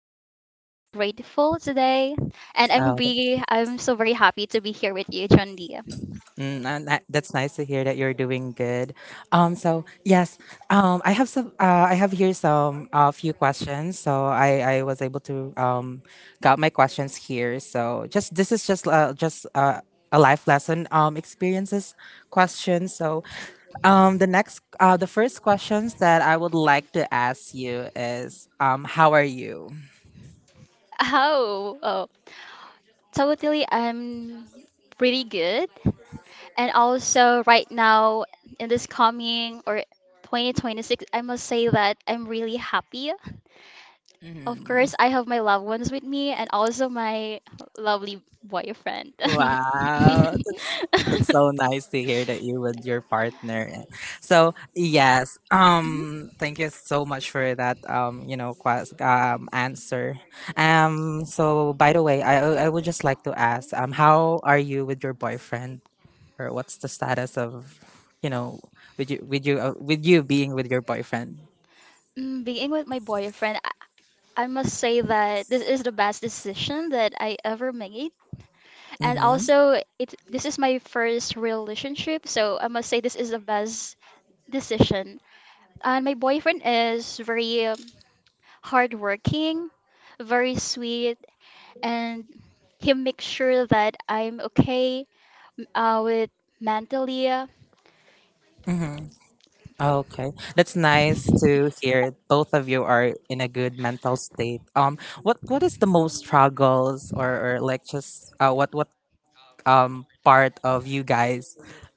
say that I'm really grateful today and I'm Oh, be I'm so very happy to be here with you, Chandi. Mm, and that's nice to hear that you're doing good. So yes, I have some. I have here some a few questions. So I was able to got my questions here. So just this is just a life lesson experiences question. So the first questions that I would like to ask you is how are you? Oh, oh. Totally, I'm pretty good. And also right now in this coming or 2026, I must say that I'm really happy. Of Hmm. course, I have my loved ones with me and also my lovely boyfriend. Wow, that's so nice to hear that you with your partner. Eh. So yes, Mhm. Thank you so much for that. Answer. So by the way, I would just like to ask, how are you with your boyfriend, or what's the status of, you know, with you with you being with your boyfriend? Being with my boyfriend, I must say that this is the best decision that I ever made. And Mm-hmm. also, it this is my first relationship, so I must say this is the best decision. And my boyfriend is very hardworking, very sweet, and he makes sure that I'm okay with mentally Mm-hmm. Oh, okay, that's nice to hear. Both of you are in a good mental state. What is the most struggles, or like just what part of you guys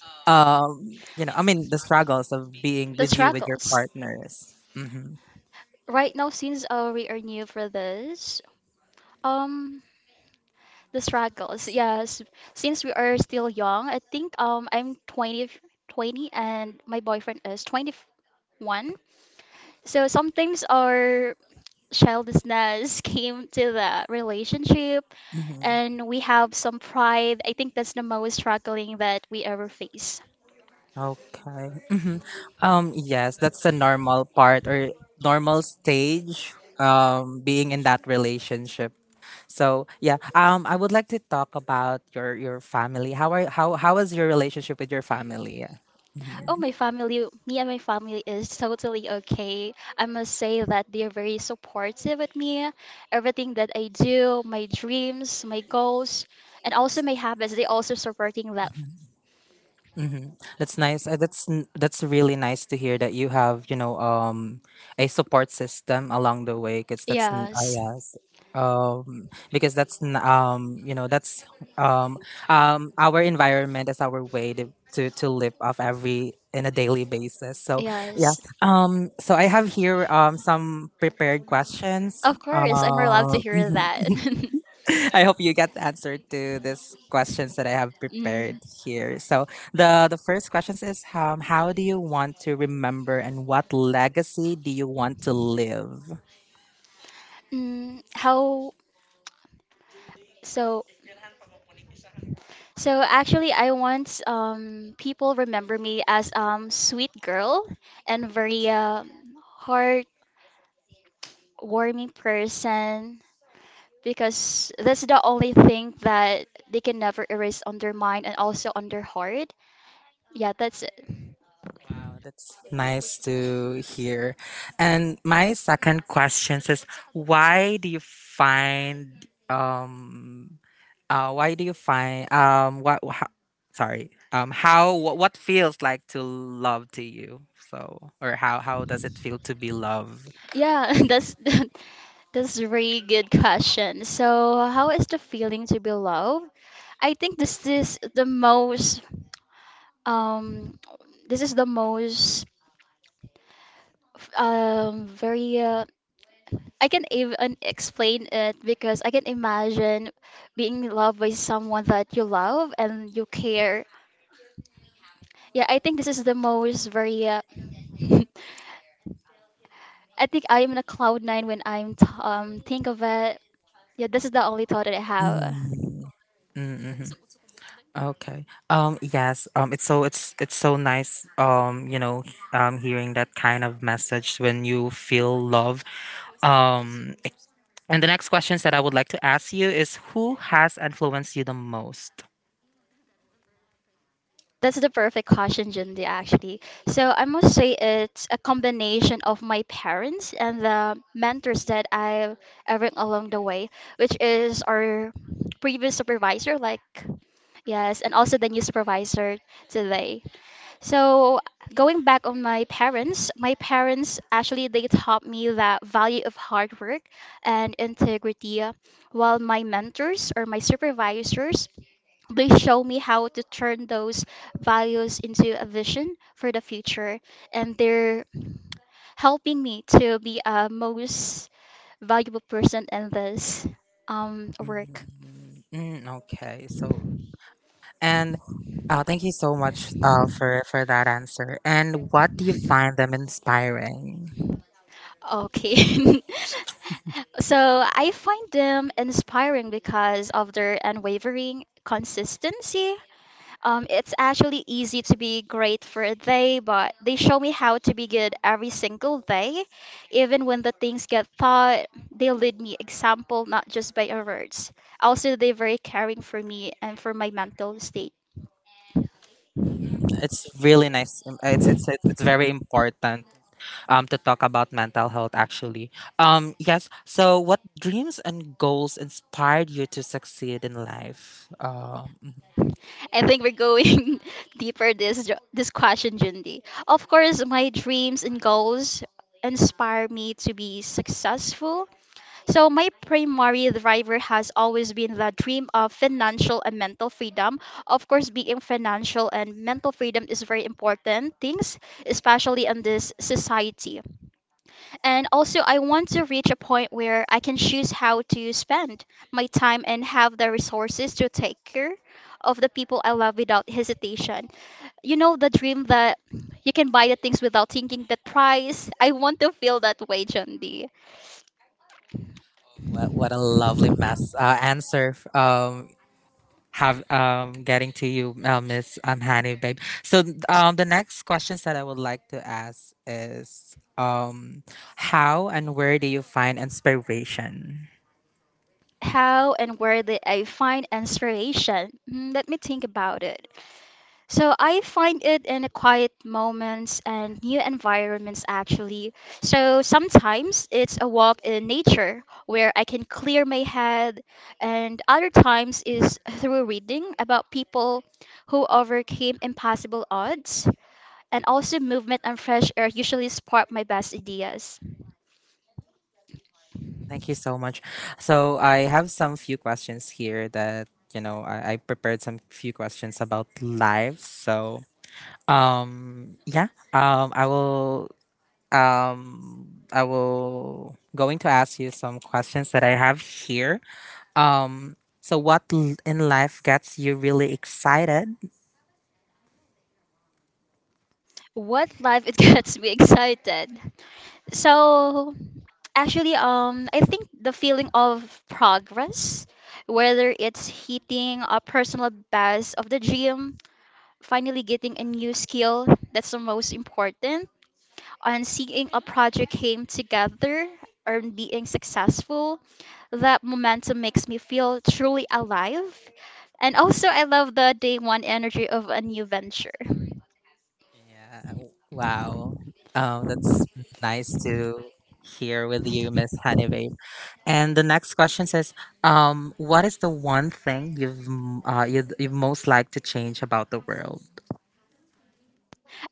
um you know I mean the struggles of being the with you with your struggles. partners. Mm-hmm. Right now, since we are new for this, um, the struggles. Yes, since we are still young, I think I'm 20 and my boyfriend is 21. So sometimes our childishness came to the relationship Mm-hmm. and we have some pride. I think that's the most struggling that we ever face. Okay. Mhm. Yes, that's the normal part or normal stage being in that relationship. So, yeah, I would like to talk about your family. How are how is your relationship with your family? Yeah. Oh, Mm-hmm. my family, me and my family is totally okay. I must say that they are very supportive with me. Everything that I do, my dreams, my goals, and also my habits, they also supporting that. Hmm, that's nice. That's really nice to hear that you have, you know, a support system along the way because Yes, yes, because that's n- you know that's um our environment is our way to to live off every in a daily basis. So yeah, yes. So I have here some prepared questions. Of Uh, course, I'm allowed to hear mhm. that. I hope you get the answer to these questions that I have prepared Mm, here. So the first questions is how do you want to remember and what legacy do you want to live? mm, how so? So actually, I want people remember me as sweet girl and very heartwarming person, because that's the only thing that they can never erase on their mind and also on their heart. Yeah, that's it. Wow, that's nice to hear. And my second question is why do you find why do you find what how, sorry how what feels like to love to you so or how does it feel to be loved? Yeah, that's that's a really good question. So, how is the feeling to be loved? I think this is the um most very I can even explain it because I can imagine being loved by someone that you love and you care. Yeah, I think this is the most very I think I am in a cloud nine when I'm t- think of it. Yeah, this is the only thought that I have. Mm. Mm-hmm. Okay. Yes. It's so. It's. It's so nice. Hearing that kind of message when you feel love, Um, and the next questions that I would like to ask you is who has influenced you the most? That's the perfect caution, Jindy, actually. So I must say it's a combination of my parents and the mentors that I've ever along the way, which is our previous supervisor, like yes, and also the new supervisor today. So going back on my parents actually they taught me the value of hard work and integrity, while my mentors or my supervisors they show me how to turn those values into a vision for the future, and they're helping me to be a most valuable person in this work. Mm, okay, so and thank you so much for that answer. And what do you find them inspiring? Okay. So I find them inspiring because of their unwavering consistency. It's actually easy to be great for a day, but they show me how to be good every single day. Even when the things get thought, they lead me example, not just by our words. Also, they're very caring for me and for my mental state. Mhm. It's really nice. It's very important to talk about mental health actually. Yes. So what dreams and goals inspired you to succeed in life? I think we're going deeper this question, Jundi. Of course, my dreams and goals inspire me to be successful. So, my primary driver has always been the dream of financial and mental freedom. Of course, being financial and mental freedom is very important things, especially in this society. And also, I want to reach a point where I can choose how to spend my time and have the resources to take care of the people I love without hesitation. You know, the dream that you can buy the things without thinking the price. I want to feel that way, John D. What a lovely mess answer f- have getting to you, Miss Honey Babe. So the next questions that I would like to ask is how and where do you find inspiration? How and where did I find inspiration? Mm, let me think about it. So I find it in the quiet moments and new environments actually. So sometimes it's a walk in nature where I can clear my head and other times is through reading about people who overcame impossible odds and also movement and fresh air usually spark my best ideas. Thank you so much. So I have some few questions here that you know, I prepared some few questions about life. So um yeah um I will I will going to ask you some questions that I have here. Um what in life gets you really excited? What life it gets me excited. So actually, I think the feeling of progress, whether it's hitting a personal best of the gym, finally getting a new skill, that's the most important. And seeing a project came together and being successful, that momentum makes me feel truly alive. And also, I love the day one energy of a new venture. Yeah. Wow. That's nice to hear with you, Miss Honey. And the next question says, "What is the one thing you'd most like to change about the world?"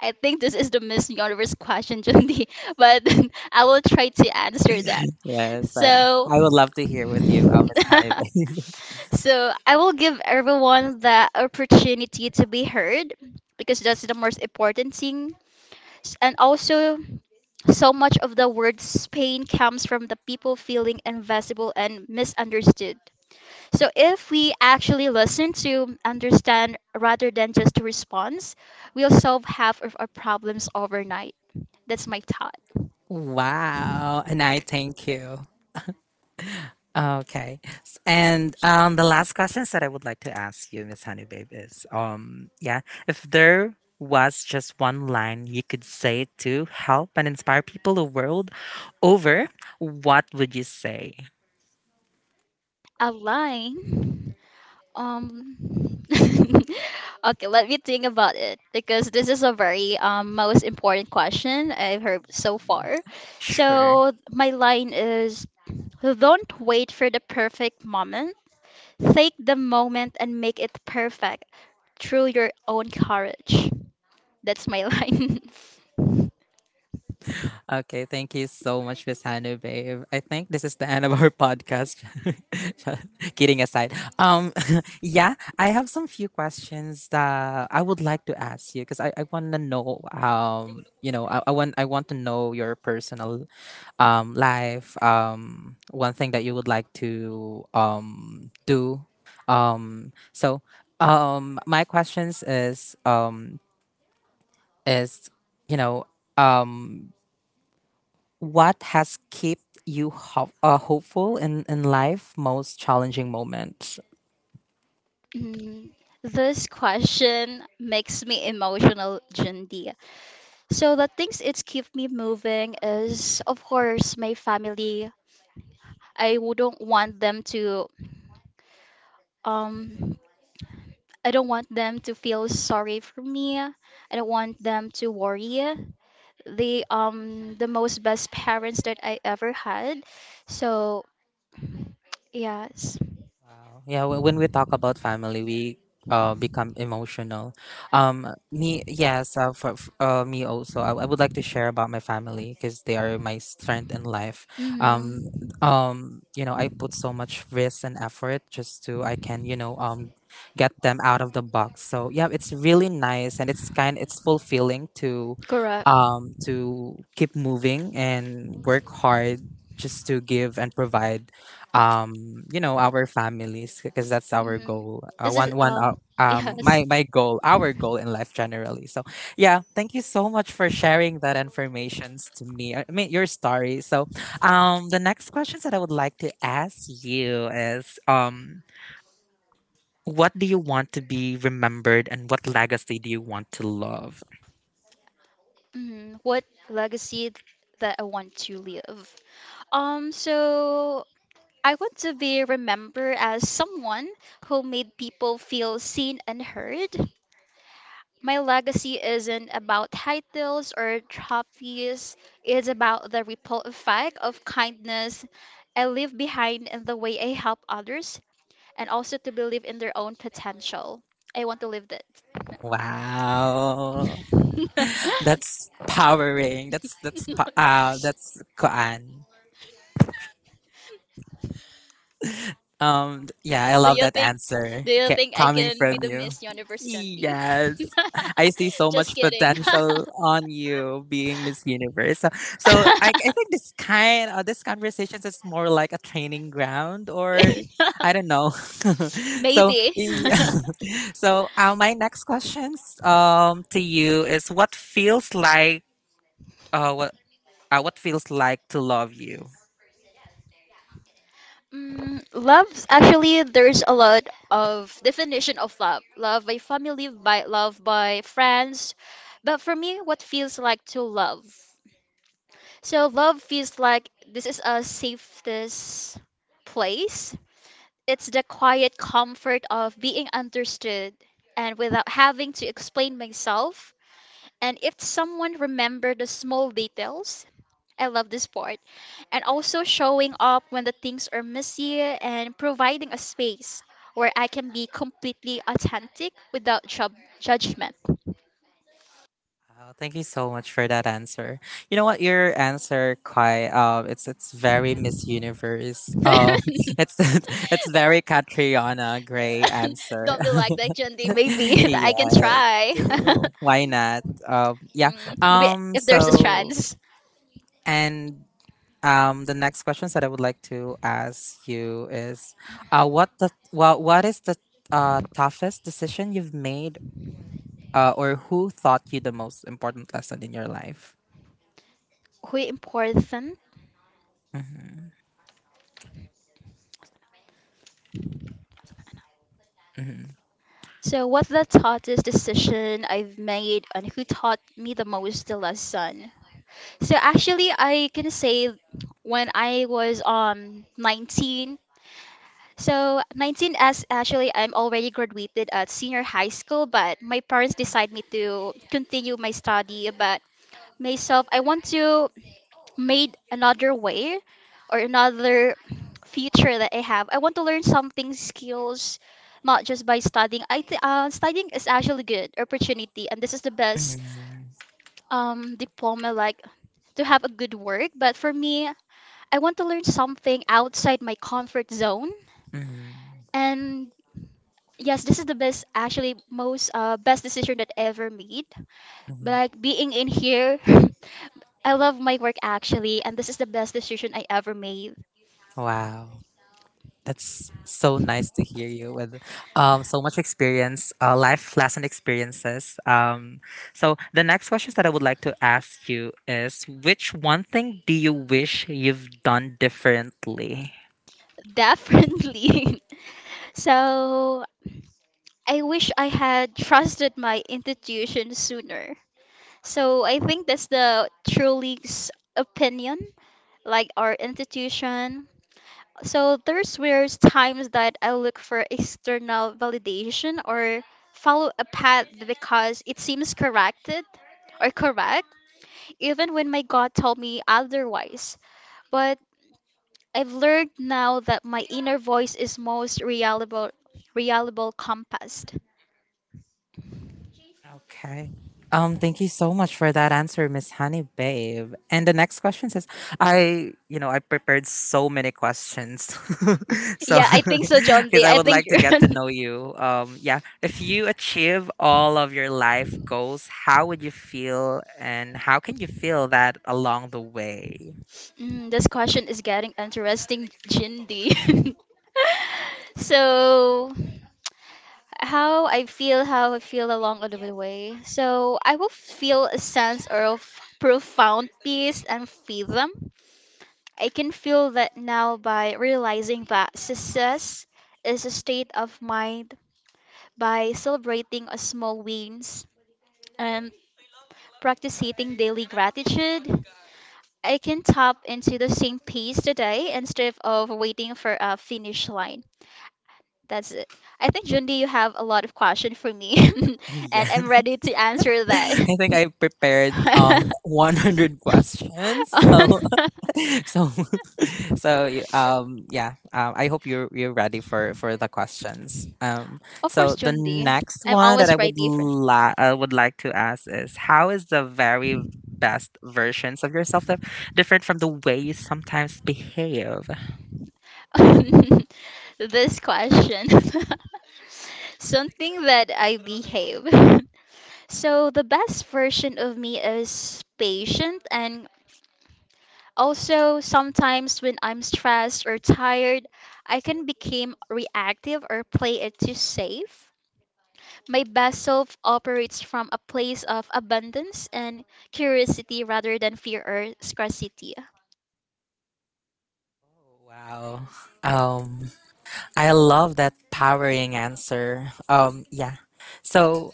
I think this is the Miss Universe question, Jundi, but I will try to answer that. Yes, So, I would love to hear with you, Miss Hannibal. so I will give everyone the opportunity to be heard because that's the most important thing. And also, so much of the word's pain comes from the people feeling invisible and misunderstood. So, if we actually listen to understand rather than just response, we'll solve half of our problems overnight. That's my thought. Wow. And I thank you. Okay. S- And The last questions that I would like to ask you, Miss Honey Babe, is yeah, if there was just one line you could say to help and inspire people the world over, what would you say? Align. Um, okay, let me think about it because this is a very most important question I've heard so far. Sure. So my line is, don't wait for the perfect moment. Take the moment and make it perfect through your own courage. That's my line. Okay, thank you so much, Miss Hannah Babe. I think this is the end of our podcast. Kidding aside, yeah, I have some few questions that I would like to ask you because I want to know, I want to know your personal life, one thing that you would like to do, um, so my questions is is you know um what has kept you hopeful in life most challenging moment? Mm, this question makes me emotional, Jindy. So the things it's keep me moving is, of course, my family. I wouldn't want them to um I don't want them to feel sorry for me. I don't want them to worry. They the most best parents that I ever had. So yes. Wow. Yeah, when we talk about family, we become emotional. Me Yes, for, f me also. I would like to share about my family because they are my strength in life. Um Hmm. You know, I put so much risk and effort just to I can, you know, get them out of the box. So, yeah, it's really nice and it's fulfilling Correct. To keep moving and work hard just to give and provide you know, our families because that's our Hmm. goal, This is one one yes. my my goal our goal in life generally. So yeah, thank you so much for sharing that informations to me, I mean your story. So the next questions that I would like to ask you is what do you want to be remembered and what legacy do you want to love? Hmm. What legacy that I want to leave? Um, so I want to be remembered as someone who made people feel seen and heard. My legacy isn't about titles or trophies, it's about the ripple effect of kindness I leave behind and the way I help others, and also to believe in their own potential. I want to live that. Wow, that's powering that's pa- that's koan. Yeah, I do love you that think answer do you think I coming can be from the you. Miss Universe, Chundi? Yes, I see so Just much kidding. potential on you being Miss Universe. So, so I think this kind of this conversations is more like a training ground, or I don't know. So, yeah. So my next questions to you is what feels like uh what what feels like to love you. Mm, love's actually there's a lot of definition of love. Love by family, by love by friends. But for me, what feels like to love? So love feels like this is a safest place. It's the quiet comfort of being understood and without having to explain myself. And if someone remembered the small details, I love this part. And also showing up when the things are messy and providing a space where I can be completely authentic without judgment. Wow, thank you so much for that answer. You know what, your answer quite it's very Miss Universe. Oh, it's very Catriona Gray answer. Don't be like that, Jandy. Maybe I can Yeah, try. ew, why not? Yeah. Mm, maybe if there's a So chance. and The next questions that I would like to ask you is, what is the toughest decision you've made? Or who taught you the most important lesson in your life? Who important? Hmm. So, what the thought is decision I've made and who taught me the most the lesson? So actually, I can say when I was 19. So 19 as actually I'm already graduated at senior high school, but my parents decided me to continue my study. But myself, I want to made another way or another future that I have. I want to learn something skills, not just by studying. Studying is actually good opportunity, and this is the best Mhm, diploma like to have a good work. But for me, I want to learn something outside my comfort zone. mhm, And yes, this is the best, actually, most best decision that I ever made. But mhm. like being in here, I love my work actually, and this is the best decision I ever made. Wow. That's so nice to hear you with so much experience, life lesson experiences. So, the next questions that I would like to ask you is which one thing do you wish you've done differently? Definitely. So I wish I had trusted my institution sooner. So I think that's the Trulix opinion, like our institution. So there's where times that I look for external validation or follow a path because it seems corrected or correct, even when my God told me otherwise. But I've learned now that my inner voice is most reliable, reliable compass. Okay. Thank you so much for that answer, Miss Honey Babe. And the next question says, I, you know, I prepared so many questions. So, Yeah, I think so, John because D. I I would think like you're. to get to know you. Yeah. If you achieve all of your life goals, how would you feel and how can you feel that along the way? Mm, this question is getting interesting, Jindy. So, how I feel along the way. So I will feel a sense of profound peace and freedom. I can feel that now by realizing that success is a state of mind, by celebrating a small wins and practicing daily gratitude. I can tap into the same pace today instead of waiting for a finish line. That's it. I think Jundi, you have a lot of question for me, Yeah. and I'm ready to answer that. I think I prepared 100 questions. So so so I hope you're ready for the questions. Of course, So the Jundi. next I'm one that always I would ready for I would like to ask is how is the very best versions of yourself that different from the way you sometimes behave? this question. Something that I behave. So the best version of me is patient and also, sometimes when I'm stressed or tired, I can become reactive or play it too safe. My best self operates from a place of abundance and curiosity rather than fear or scarcity. Wow, um I love that powering answer. Yeah. So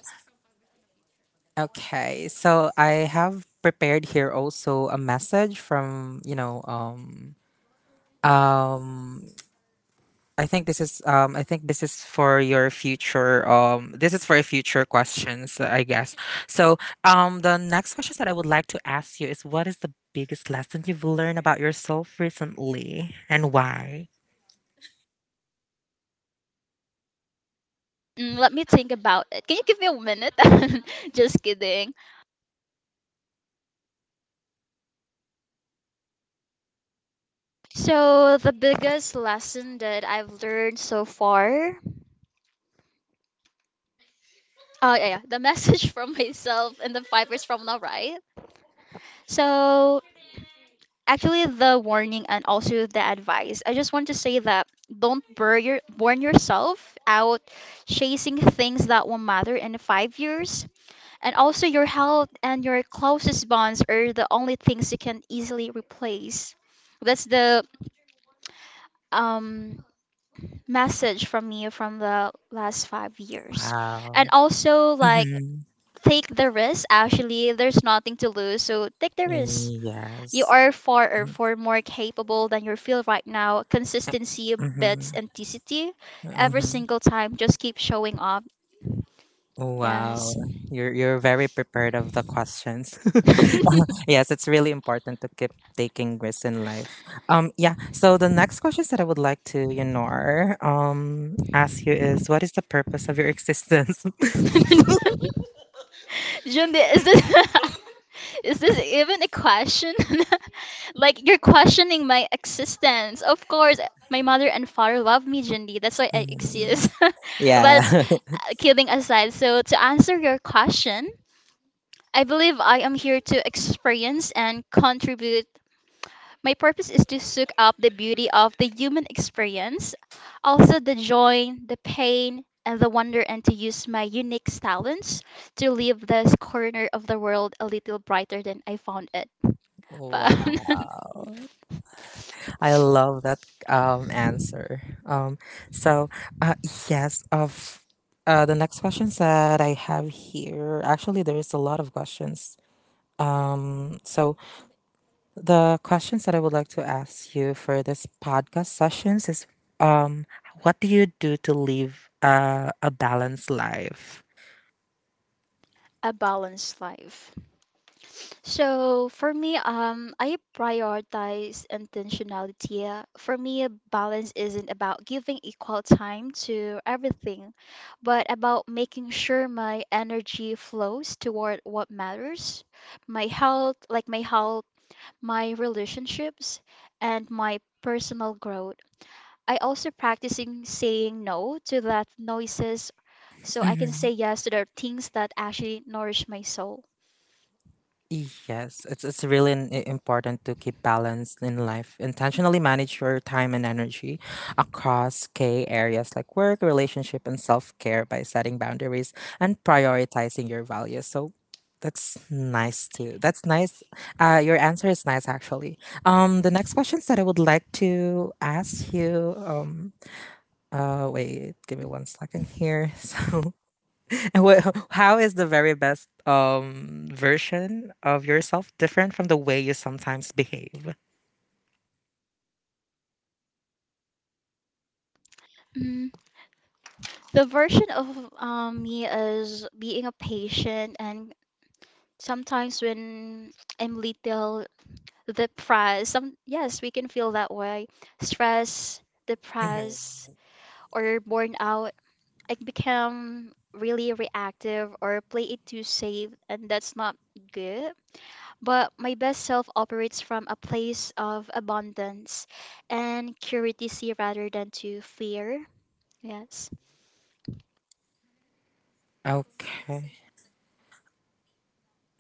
okay, so I have prepared here also a message from, you know, Um, I think this is I think this is for your future this is for your future questions, I guess. So, the next questions that I would like to ask you is what is the biggest lesson you've learned about yourself recently and why? Mm, let me think about it. Can you give me a minute? Just kidding. So, the biggest lesson that I've learned so far, oh yeah, yeah, the message from myself and the fibers from now, right? So, actually the warning and also the advice. I just want to say that don't burn your burn yourself out chasing things that won't matter in 5 years. And also your health and your closest bonds are the only things you can easily replace. That's the um message from me from the last 5 years. And Wow. also, like, Hmm. take the risk. Actually, there's nothing to lose, so take the risk. You Yes. are far or far more capable than you feel right now. Consistency beats Mm-hmm. intensity every single time. Just keep showing up. Wow, Yes. you're very prepared of the questions. Yes, it's really important to keep taking risks in life. Yeah. So the next questions that I would like to, you know, ask you is, what is the purpose of your existence? Jumbi, is this is this even a question? Like, you're questioning my existence. Of course my mother and father love me, Jindy. That's why I Mm, exist. But yeah. kidding aside, so to answer your question, I believe I am here to experience and contribute. My purpose is to soak up the beauty of the human experience, also the joy, the pain, and the wonder, and to use my unique talents to leave this corner of the world a little brighter than I found it. But Wow. I love that answer. Um, so uh, yes, of the next questions that I have here, actually, there is a lot of questions. Um, so the questions that I would like to ask you for this podcast sessions is um, what do you do to live a balanced life? a balanced life. So for me, I prioritize intentionality. For me, balance isn't about giving equal time to everything, but about making sure my energy flows toward what matters, my health, like my health, my relationships, and my personal growth. I also practicing saying no to that noises so I can say yes to the things that actually nourish my soul. Yes, it's really important to keep balance in life. Intentionally manage your time and energy across key areas like work, relationship, and self-care by setting boundaries and prioritizing your values. So that's nice too. That's nice. Your answer is nice actually. The next questions that I would like to ask you. Wait, give me 1 second here. So, Wha- how is the very best version of yourself different from the way you sometimes behave? Mm, the version of me as being a patient and sometimes when I'm little depressed, some, yes, we can feel that way. Stress, Mhm. depressed, or born out. I become really reactive or play it too safe, and that's not good. But my best self operates from a place of abundance and curiosity rather than to fear. Yes. Okay.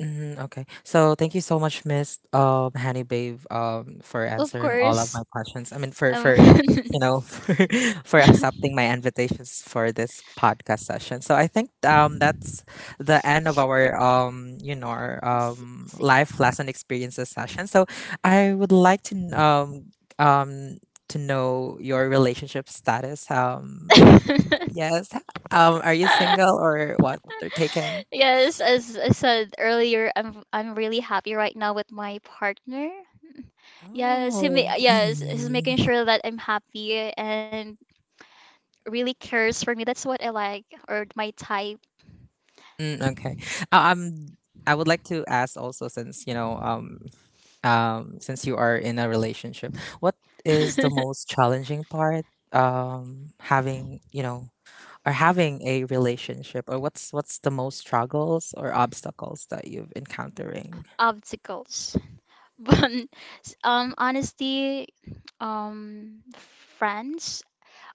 Mhm, okay. So thank you so much, Miss Hanny Babe, for Of answering all of course. my questions. I mean Um, for you know for accepting my invitations for this podcast session. So I think that's the end of our s- see. life lesson experiences session. So I would like to um to know your relationship status. Yes. Are you single or what? Or taken? Yes, as I said earlier, I'm really happy right now with my partner. Yes, Oh. Yes, he's making sure that I'm happy and really cares for me. That's what I like or my type. Mm, okay. Uh, um, I would like to ask also, since since you are in a relationship, what is the most challenging part? Having or having a relationship, or what's the most struggles or obstacles that you've encountering? Obstacles. But honestly, um, friends,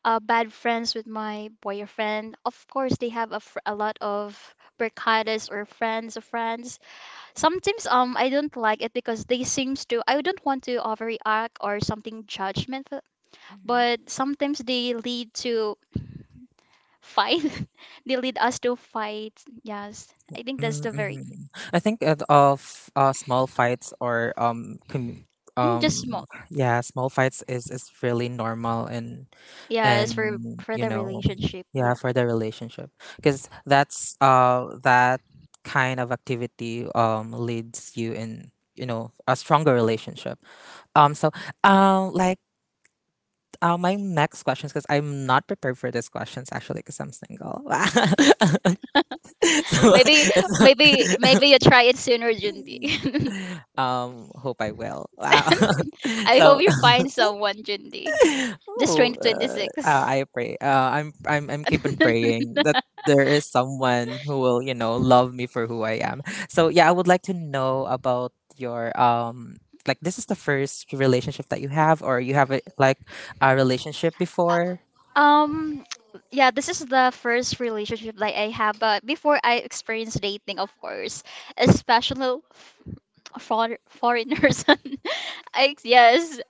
bad friends with my boyfriend. Of course, they have a, fr a lot of barkadas or friends of friends. Sometimes I don't like it because they seems to, I don't want to overreact or something judgmental, Mhm. but sometimes they lead to fight. They lead us to fight. Yes, I think that's the very. Mm-hmm. I think of small fights or commu Yes. Mm, just small. Yeah, small fights is really normal, and Yes, and for you the know relationship. yeah Yeah. for the relationship, because that's that kind of activity leads you in, you know, a stronger relationship. um so um like my next questions, because I'm not prepared for these questions actually because I'm single. Wow. So Maybe, maybe you try it sooner, Jundi. Hope I will. Wow. I So hope you find someone, Jundi. This oh, 2026. I pray. I'm keep on praying that there is someone who will, love me for who I am. So yeah, I would like to know about your like, this is the first relationship that you have, or you have a, like, a relationship before. Um, yeah, this is the first relationship that I have, but before I experienced dating, of course, especially for foreigners. I, yes.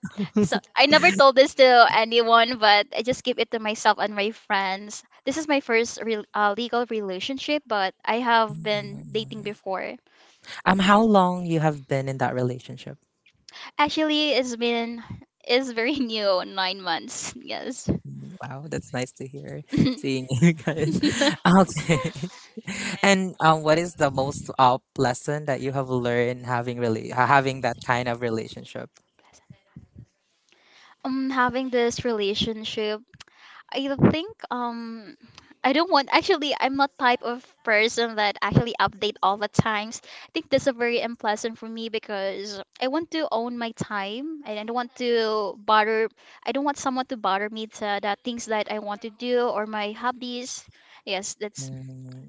So I never told this to anyone, but I just keep it to myself and my friends. This is my first real legal relationship, but I have been dating before. How long you have been in that relationship? Actually, it's been, it's very new, 9 months. Yes. Wow, that's nice to hear, seeing you guys. Okay. And what is the most lesson that you have learned having, really, having that kind of relationship? Having this relationship, I think I don't want, actually, I'm not type of person that actually update all the times. I think this is very unpleasant for me because I want to own my time and I don't want to bother I don't want someone to bother me to the things that I want to do or my hobbies. Yes, that's. Mm.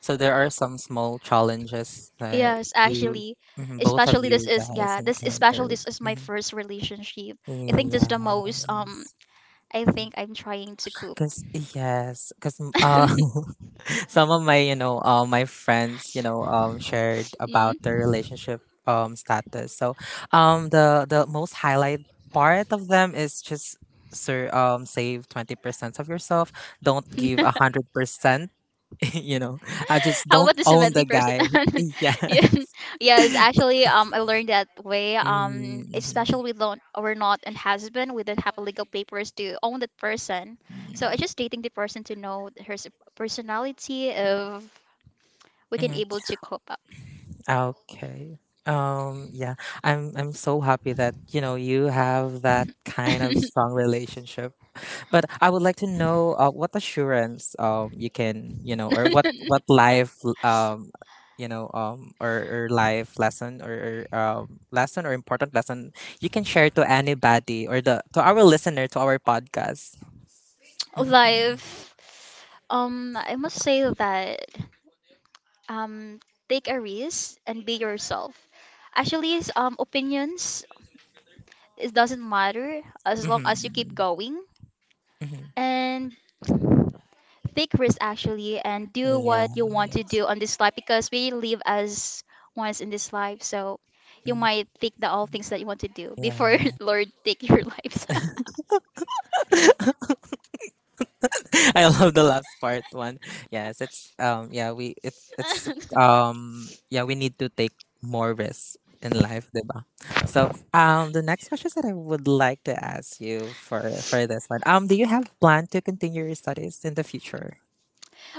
So there are some small challenges that Yes, you, actually, mhm, both of especially this you is, guys yeah, this especially encountered. this is my Mhm. first relationship. I think this is the most Yes, I think I'm trying to cope. Yes, because some of my, you know, my friends, you know, shared Mm. about their relationship, status. So the most highlight part of them is just, sir, save 20% of yourself, don't give 100%. You know, I just How about don't the own seventy the percent? guy. Yeah. Yeah. Yes, actually, I learned that way. Mm-hmm. Especially we don't, we're not an husband. We don't have legal papers to own that person. So I just dating the person to know personality if we can Mhm. able to cope. Okay. um yeah I'm so happy that, you know, you have that kind of strong relationship. But I would like to know what assurance you can, you know, or what life you know or life lesson, or important lesson you can share to anybody, or the to our listener, to our podcast. Life, I must say that, um take a risk and be yourself. Actually, it's, opinions, it doesn't matter as long as you Mm-hmm. keep going Mm-hmm. and take risk. Actually, and do Yeah. what you want to do on this life, because we live as once in this life. So you Mm, might think the all things that you want to do before yeah. Lord take your lives. I love the last part one. Yes, it's yeah, we it's yeah, we need to take more risks in life, diba? So, the next question that I would like to ask you for this one. Do you have plan to continue your studies in the future?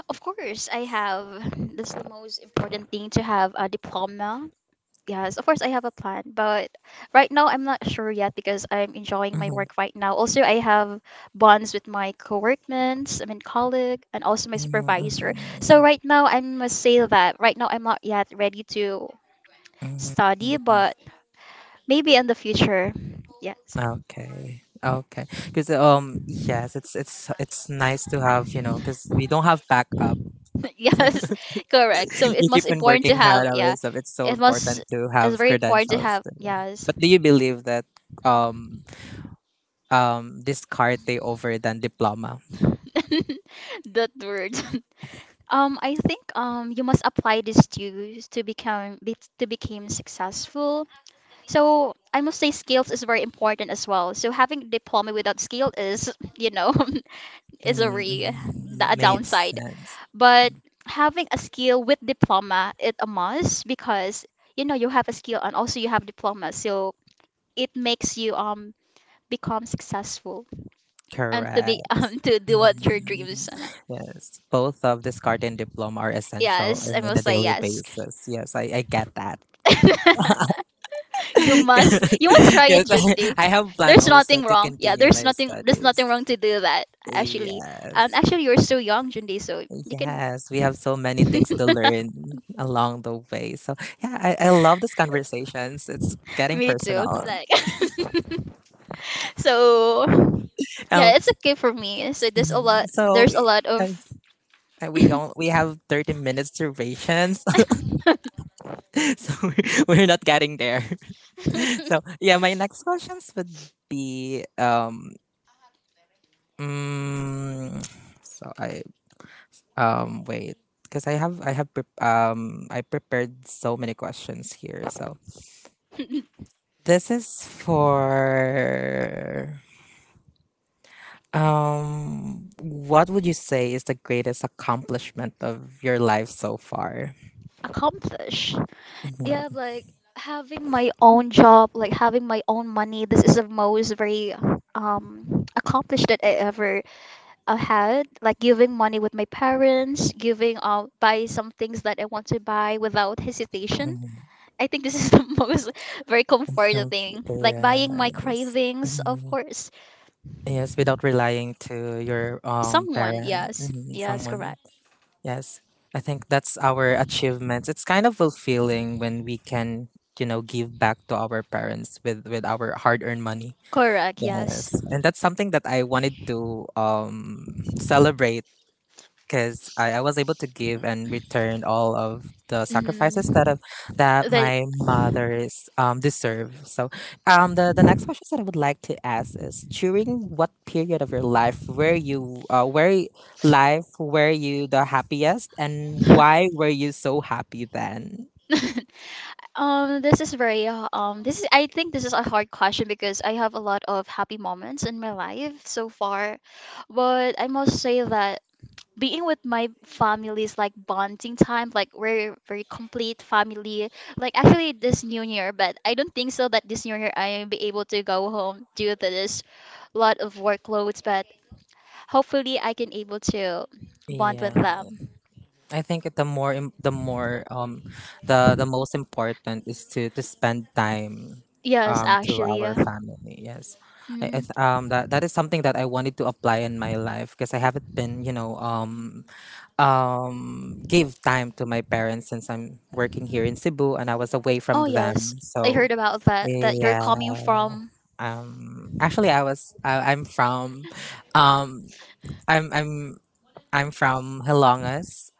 Of course, I have. That's the most important thing, to have a diploma. Yes, of course I have a plan, but right now I'm not sure yet because I'm enjoying my Mhm, work right now. Also, I have bonds with my co-workmates, I mean colleague, and also my mhm, supervisor. So mhm, right now I must say that right now I'm not yet ready to mhm, study, mhm. but maybe in the future. Yes. Okay. Okay. Because yes, it's it's it's nice to have, you know, because we don't have backup. Yes, correct. So it You keep must on important to working have, hard yeah. always. So it's so It was, important to it's have very important to credentials. have, To them. yes. But do you believe that um discarte over than diploma? That word. 'Cause- I think you must apply this to become to become successful. So I must say skills is very important as well. So having diploma without skill is, you know, is a re Mm, a made downside. sense. But having a skill with diploma, it a must, because, you know, you have a skill and also you have diploma. So it makes you become successful. And to be Correct. To do what your dreams Mhm. are. Yes, both of discarte and diploma are essential Yes, I in must a say daily yes. basis. Yes, I get that. You must try it, Yes, Junti. I have plan There's also nothing to wrong, yeah, continue my there's studies. nothing wrong to do that actually. And Yes, actually you're so young, Junti, so you can. yes, we have so many things to learn along the way. So yeah, I love these conversations. It's getting Me too, personal. like so Um, yeah, it's okay for me, so mhm. So there's a we, lot of. We have 30 minutes durations, so we're not getting there. So yeah, my next questions would be mm, so I, wait, because I prepared so many questions here. So this is for what would you say is the greatest accomplishment of your life so far? Accomplish. Yeah, Mhm, like having my own job, like having my own money. This is the most very accomplished that I ever had. Like giving money with my parents, giving buy some things that I want to buy without hesitation. mhm. I think this is the most very comforting thing. Okay, Like buying my yes. cravings, of Mhm. course. Yes, without relying to your Someone, parent, yes, mhm, yes, someone. correct, Yes. I think that's our achievements. It's kind of fulfilling when we can, you know, give back to our parents with our hard-earned money. correct, yes. Yes. And that's something that I wanted to celebrate because I was able to give and return all of the sacrifices that Hmm. have, that That my mothers deserve. So, the next question that I would like to ask is: during what period of your life were you the happiest, and why were you so happy then? This is very this is, I think this is a hard question because I have a lot of happy moments in my life so far, but I must say that being with my family is like bonding time, like we're very complete family. Like actually this new year, but I don't think so that this new year I will be able to go home due to this lot of workloads. But hopefully I can able to bond with Yeah. them. I think the more the most important is to spend time Yes, to actually. our family. Yes, I, Hmm. That that is something that I wanted to apply in my life, because I haven't been, you know, give time to my parents since I'm working here in Cebu and I was away Oh from them. yes, I So heard about that. That you're yeah, coming from. Actually I was I, I'm from um I'm I'm I'm from Hilongas,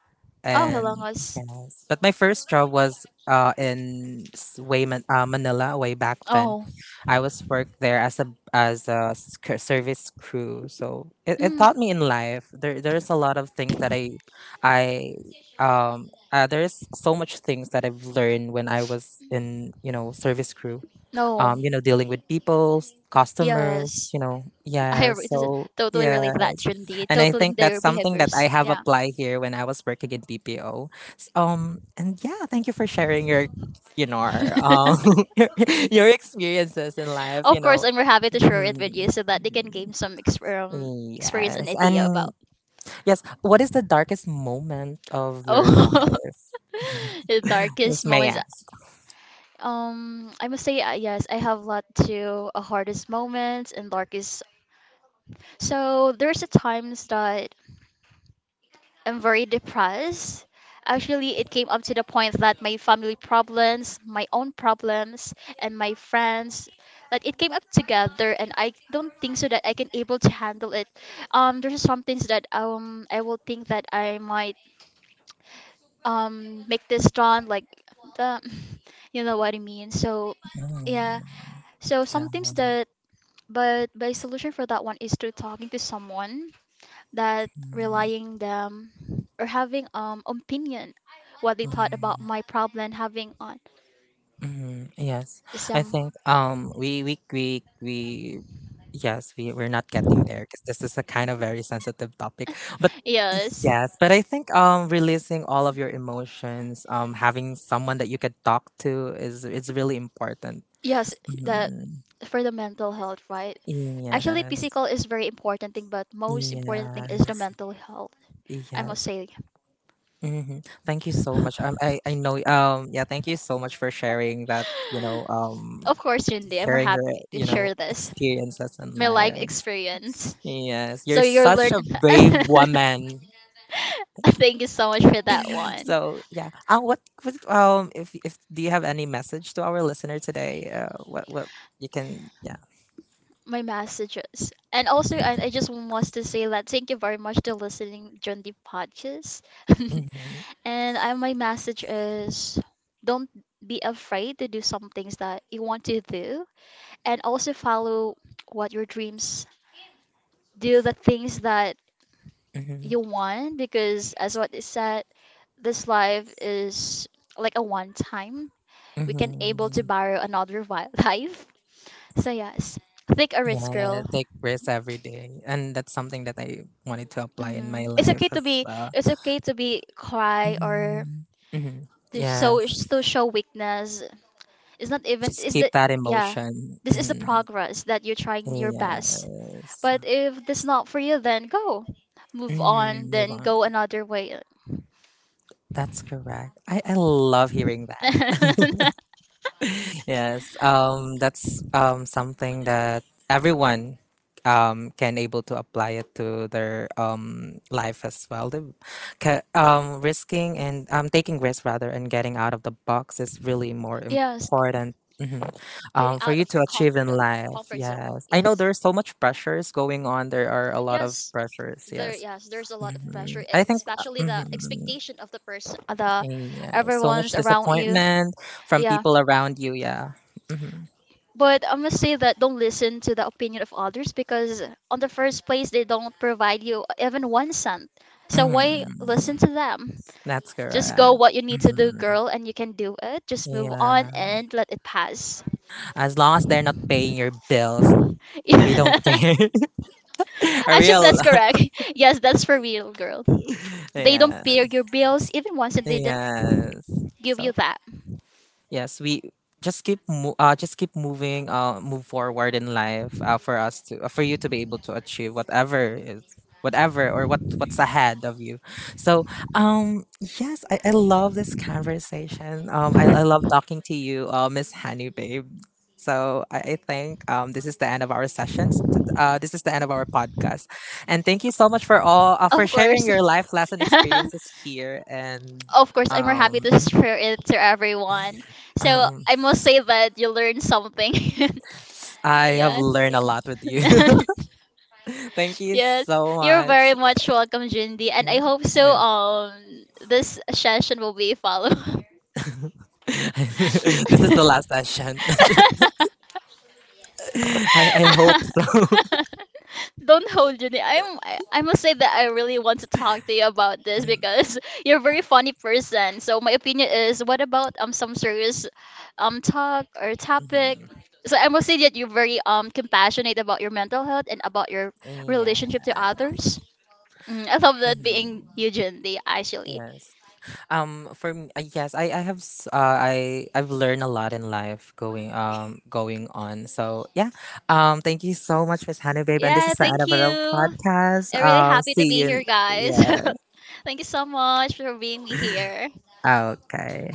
Oh, and Hilongos. yes, but my first job was in Manila way back then. Oh. I was worked there as a, as a service crew, so it Mm. taught me in life. There, there's a lot of things that I there's so much things that I've learned when I was in, you know, service crew. No. You know, dealing with people, customers. Yes. You know, yeah. This So totally yeah. relate that, Trinity. And I Totaling think that's their something that I behaviors. have Yeah. applied here when I was working in BPO. And yeah, thank you for sharing your, you know, our, your, your experiences in life. You Of course, know, and we're happy to share it with you so that they can gain mm, experience and yes, idea and about. yes. What is the darkest moment of your Oh, life, the if darkest may I moments. ask? I must say, yes, I have a lot to hardest moments and darkest. So there's a times that I'm very depressed. Actually, it came up to the point that my family problems, my own problems, and my friends, that it came up together, and I don't think so that I can able to handle it. There's some things that I will think that I might make this done, like the, you know what I mean. So, yeah. Mm, So yeah. sometimes that, but my solution for that one is through talking to someone, that relying them or having opinion what they thought Mm, about my problem having on mm, yes, I some, think we yes, we're not getting there because this is a kind of very sensitive topic. But yes, yes, but I think releasing all of your emotions, having someone that you could talk to is it's really important. yes, that Mhm. for the mental health, right? Actually, Yes, physical is very important thing, but most important thing is the yes, mental health, I must yes. say. Hmm. Thank you so much. I know. Yeah. Thank you so much for sharing that. You know, Of course, Cindy, I'm sharing your, happy to you know, share this, experiences and my life lives. experience. Yes, you're So you're such learning. a brave woman. Thank you so much for that one. So yeah, what if do you have any message to our listener today? What you can, yeah. My messages. And also, I just want to say that thank you very much to listening during the podcast. Mm-hmm, And I, my message is don't be afraid to do some things that you want to do, and also follow what your dreams. Do the things that mm-hmm, you want because, as what is said, this life is like a one time, we can able to mm-hmm. borrow another life. So yes, take a risk, Yeah, girl. take risks every day, and that's something that I wanted to apply in Hmm, my it's okay life to as be, well. it's okay to be cry or Mm-hmm, mm-hmm. to show, Yes, to show weakness. It's not even just is keep that. that Yeah, emotion. this is the Mm-hmm. progress that you're trying your best. Yes, But if this not for you, then go, move mm, on, move then on. go another way. That's correct. I love hearing that. Yes, that's something that everyone can able to apply it to their life as well. The, risking and taking risks rather, and getting out of the box, is really more Yes. important, mhm, Getting for out you of to your achieve in life. comfort zone. Yes, I know Yes. there's so much pressures going on. There are a lot of Yes. pressures. There, Yes, yes, there's a lot of pressure, hmm, I e- think especially the mhm, expectation of the person, the yeah, so much everyone's around you. disappointment from Yeah. people around you. Yeah. Mm-hmm. But I must say that don't listen to the opinion of others because on the first place they don't provide you even 1 cent. So why Mhm. listen to them? That's correct. Just go So what you need to do, mhm. girl, and you can do it. Just move on Yeah. and let it pass. As long as they're not paying your bills, we don't care. A Actually, real. that's correct. Yes, that's for real, girl. They don't Yeah. pay your bills, even once they didn't Yes. give you So that. yes, we just keep just keep moving, move forward in life, for us to for you to be able to achieve whatever is, whatever or what's ahead of you. So yes, I love this conversation. I love talking to you, Miss Honey Babe. So I think this is the end of our sessions. This is the end of our podcast, and thank you so much for all Of for sharing course. your life lesson experiences here, and Of course, I'm more happy um to share it to everyone. So I must say that you learned something. yes, I have Yeah. learned a lot with you. Yeah. Thank you Yes, so you're much. very much welcome, Jindy, and I hope so. Yeah. This session will be followed. This is the last session. I hope. Don't hold Junie. I must say that I really want to talk to you about this Mm, because you're a very funny person. So my opinion is, what about some serious talk or topic? So I must say that you're very compassionate about your mental health and about your mhm. Yeah. relationship to others. Mm, I love that being Mhm. you, Junie, actually. Yes. For me, yes, I, I've learned a lot in life going going on. So yeah. Thank you so much, Miss Honey Babe, and this Yeah, is the end thank of you. our I'm podcast. really happy to be See you. here, In- guys. Yeah. Thank you so much for being here. Okay.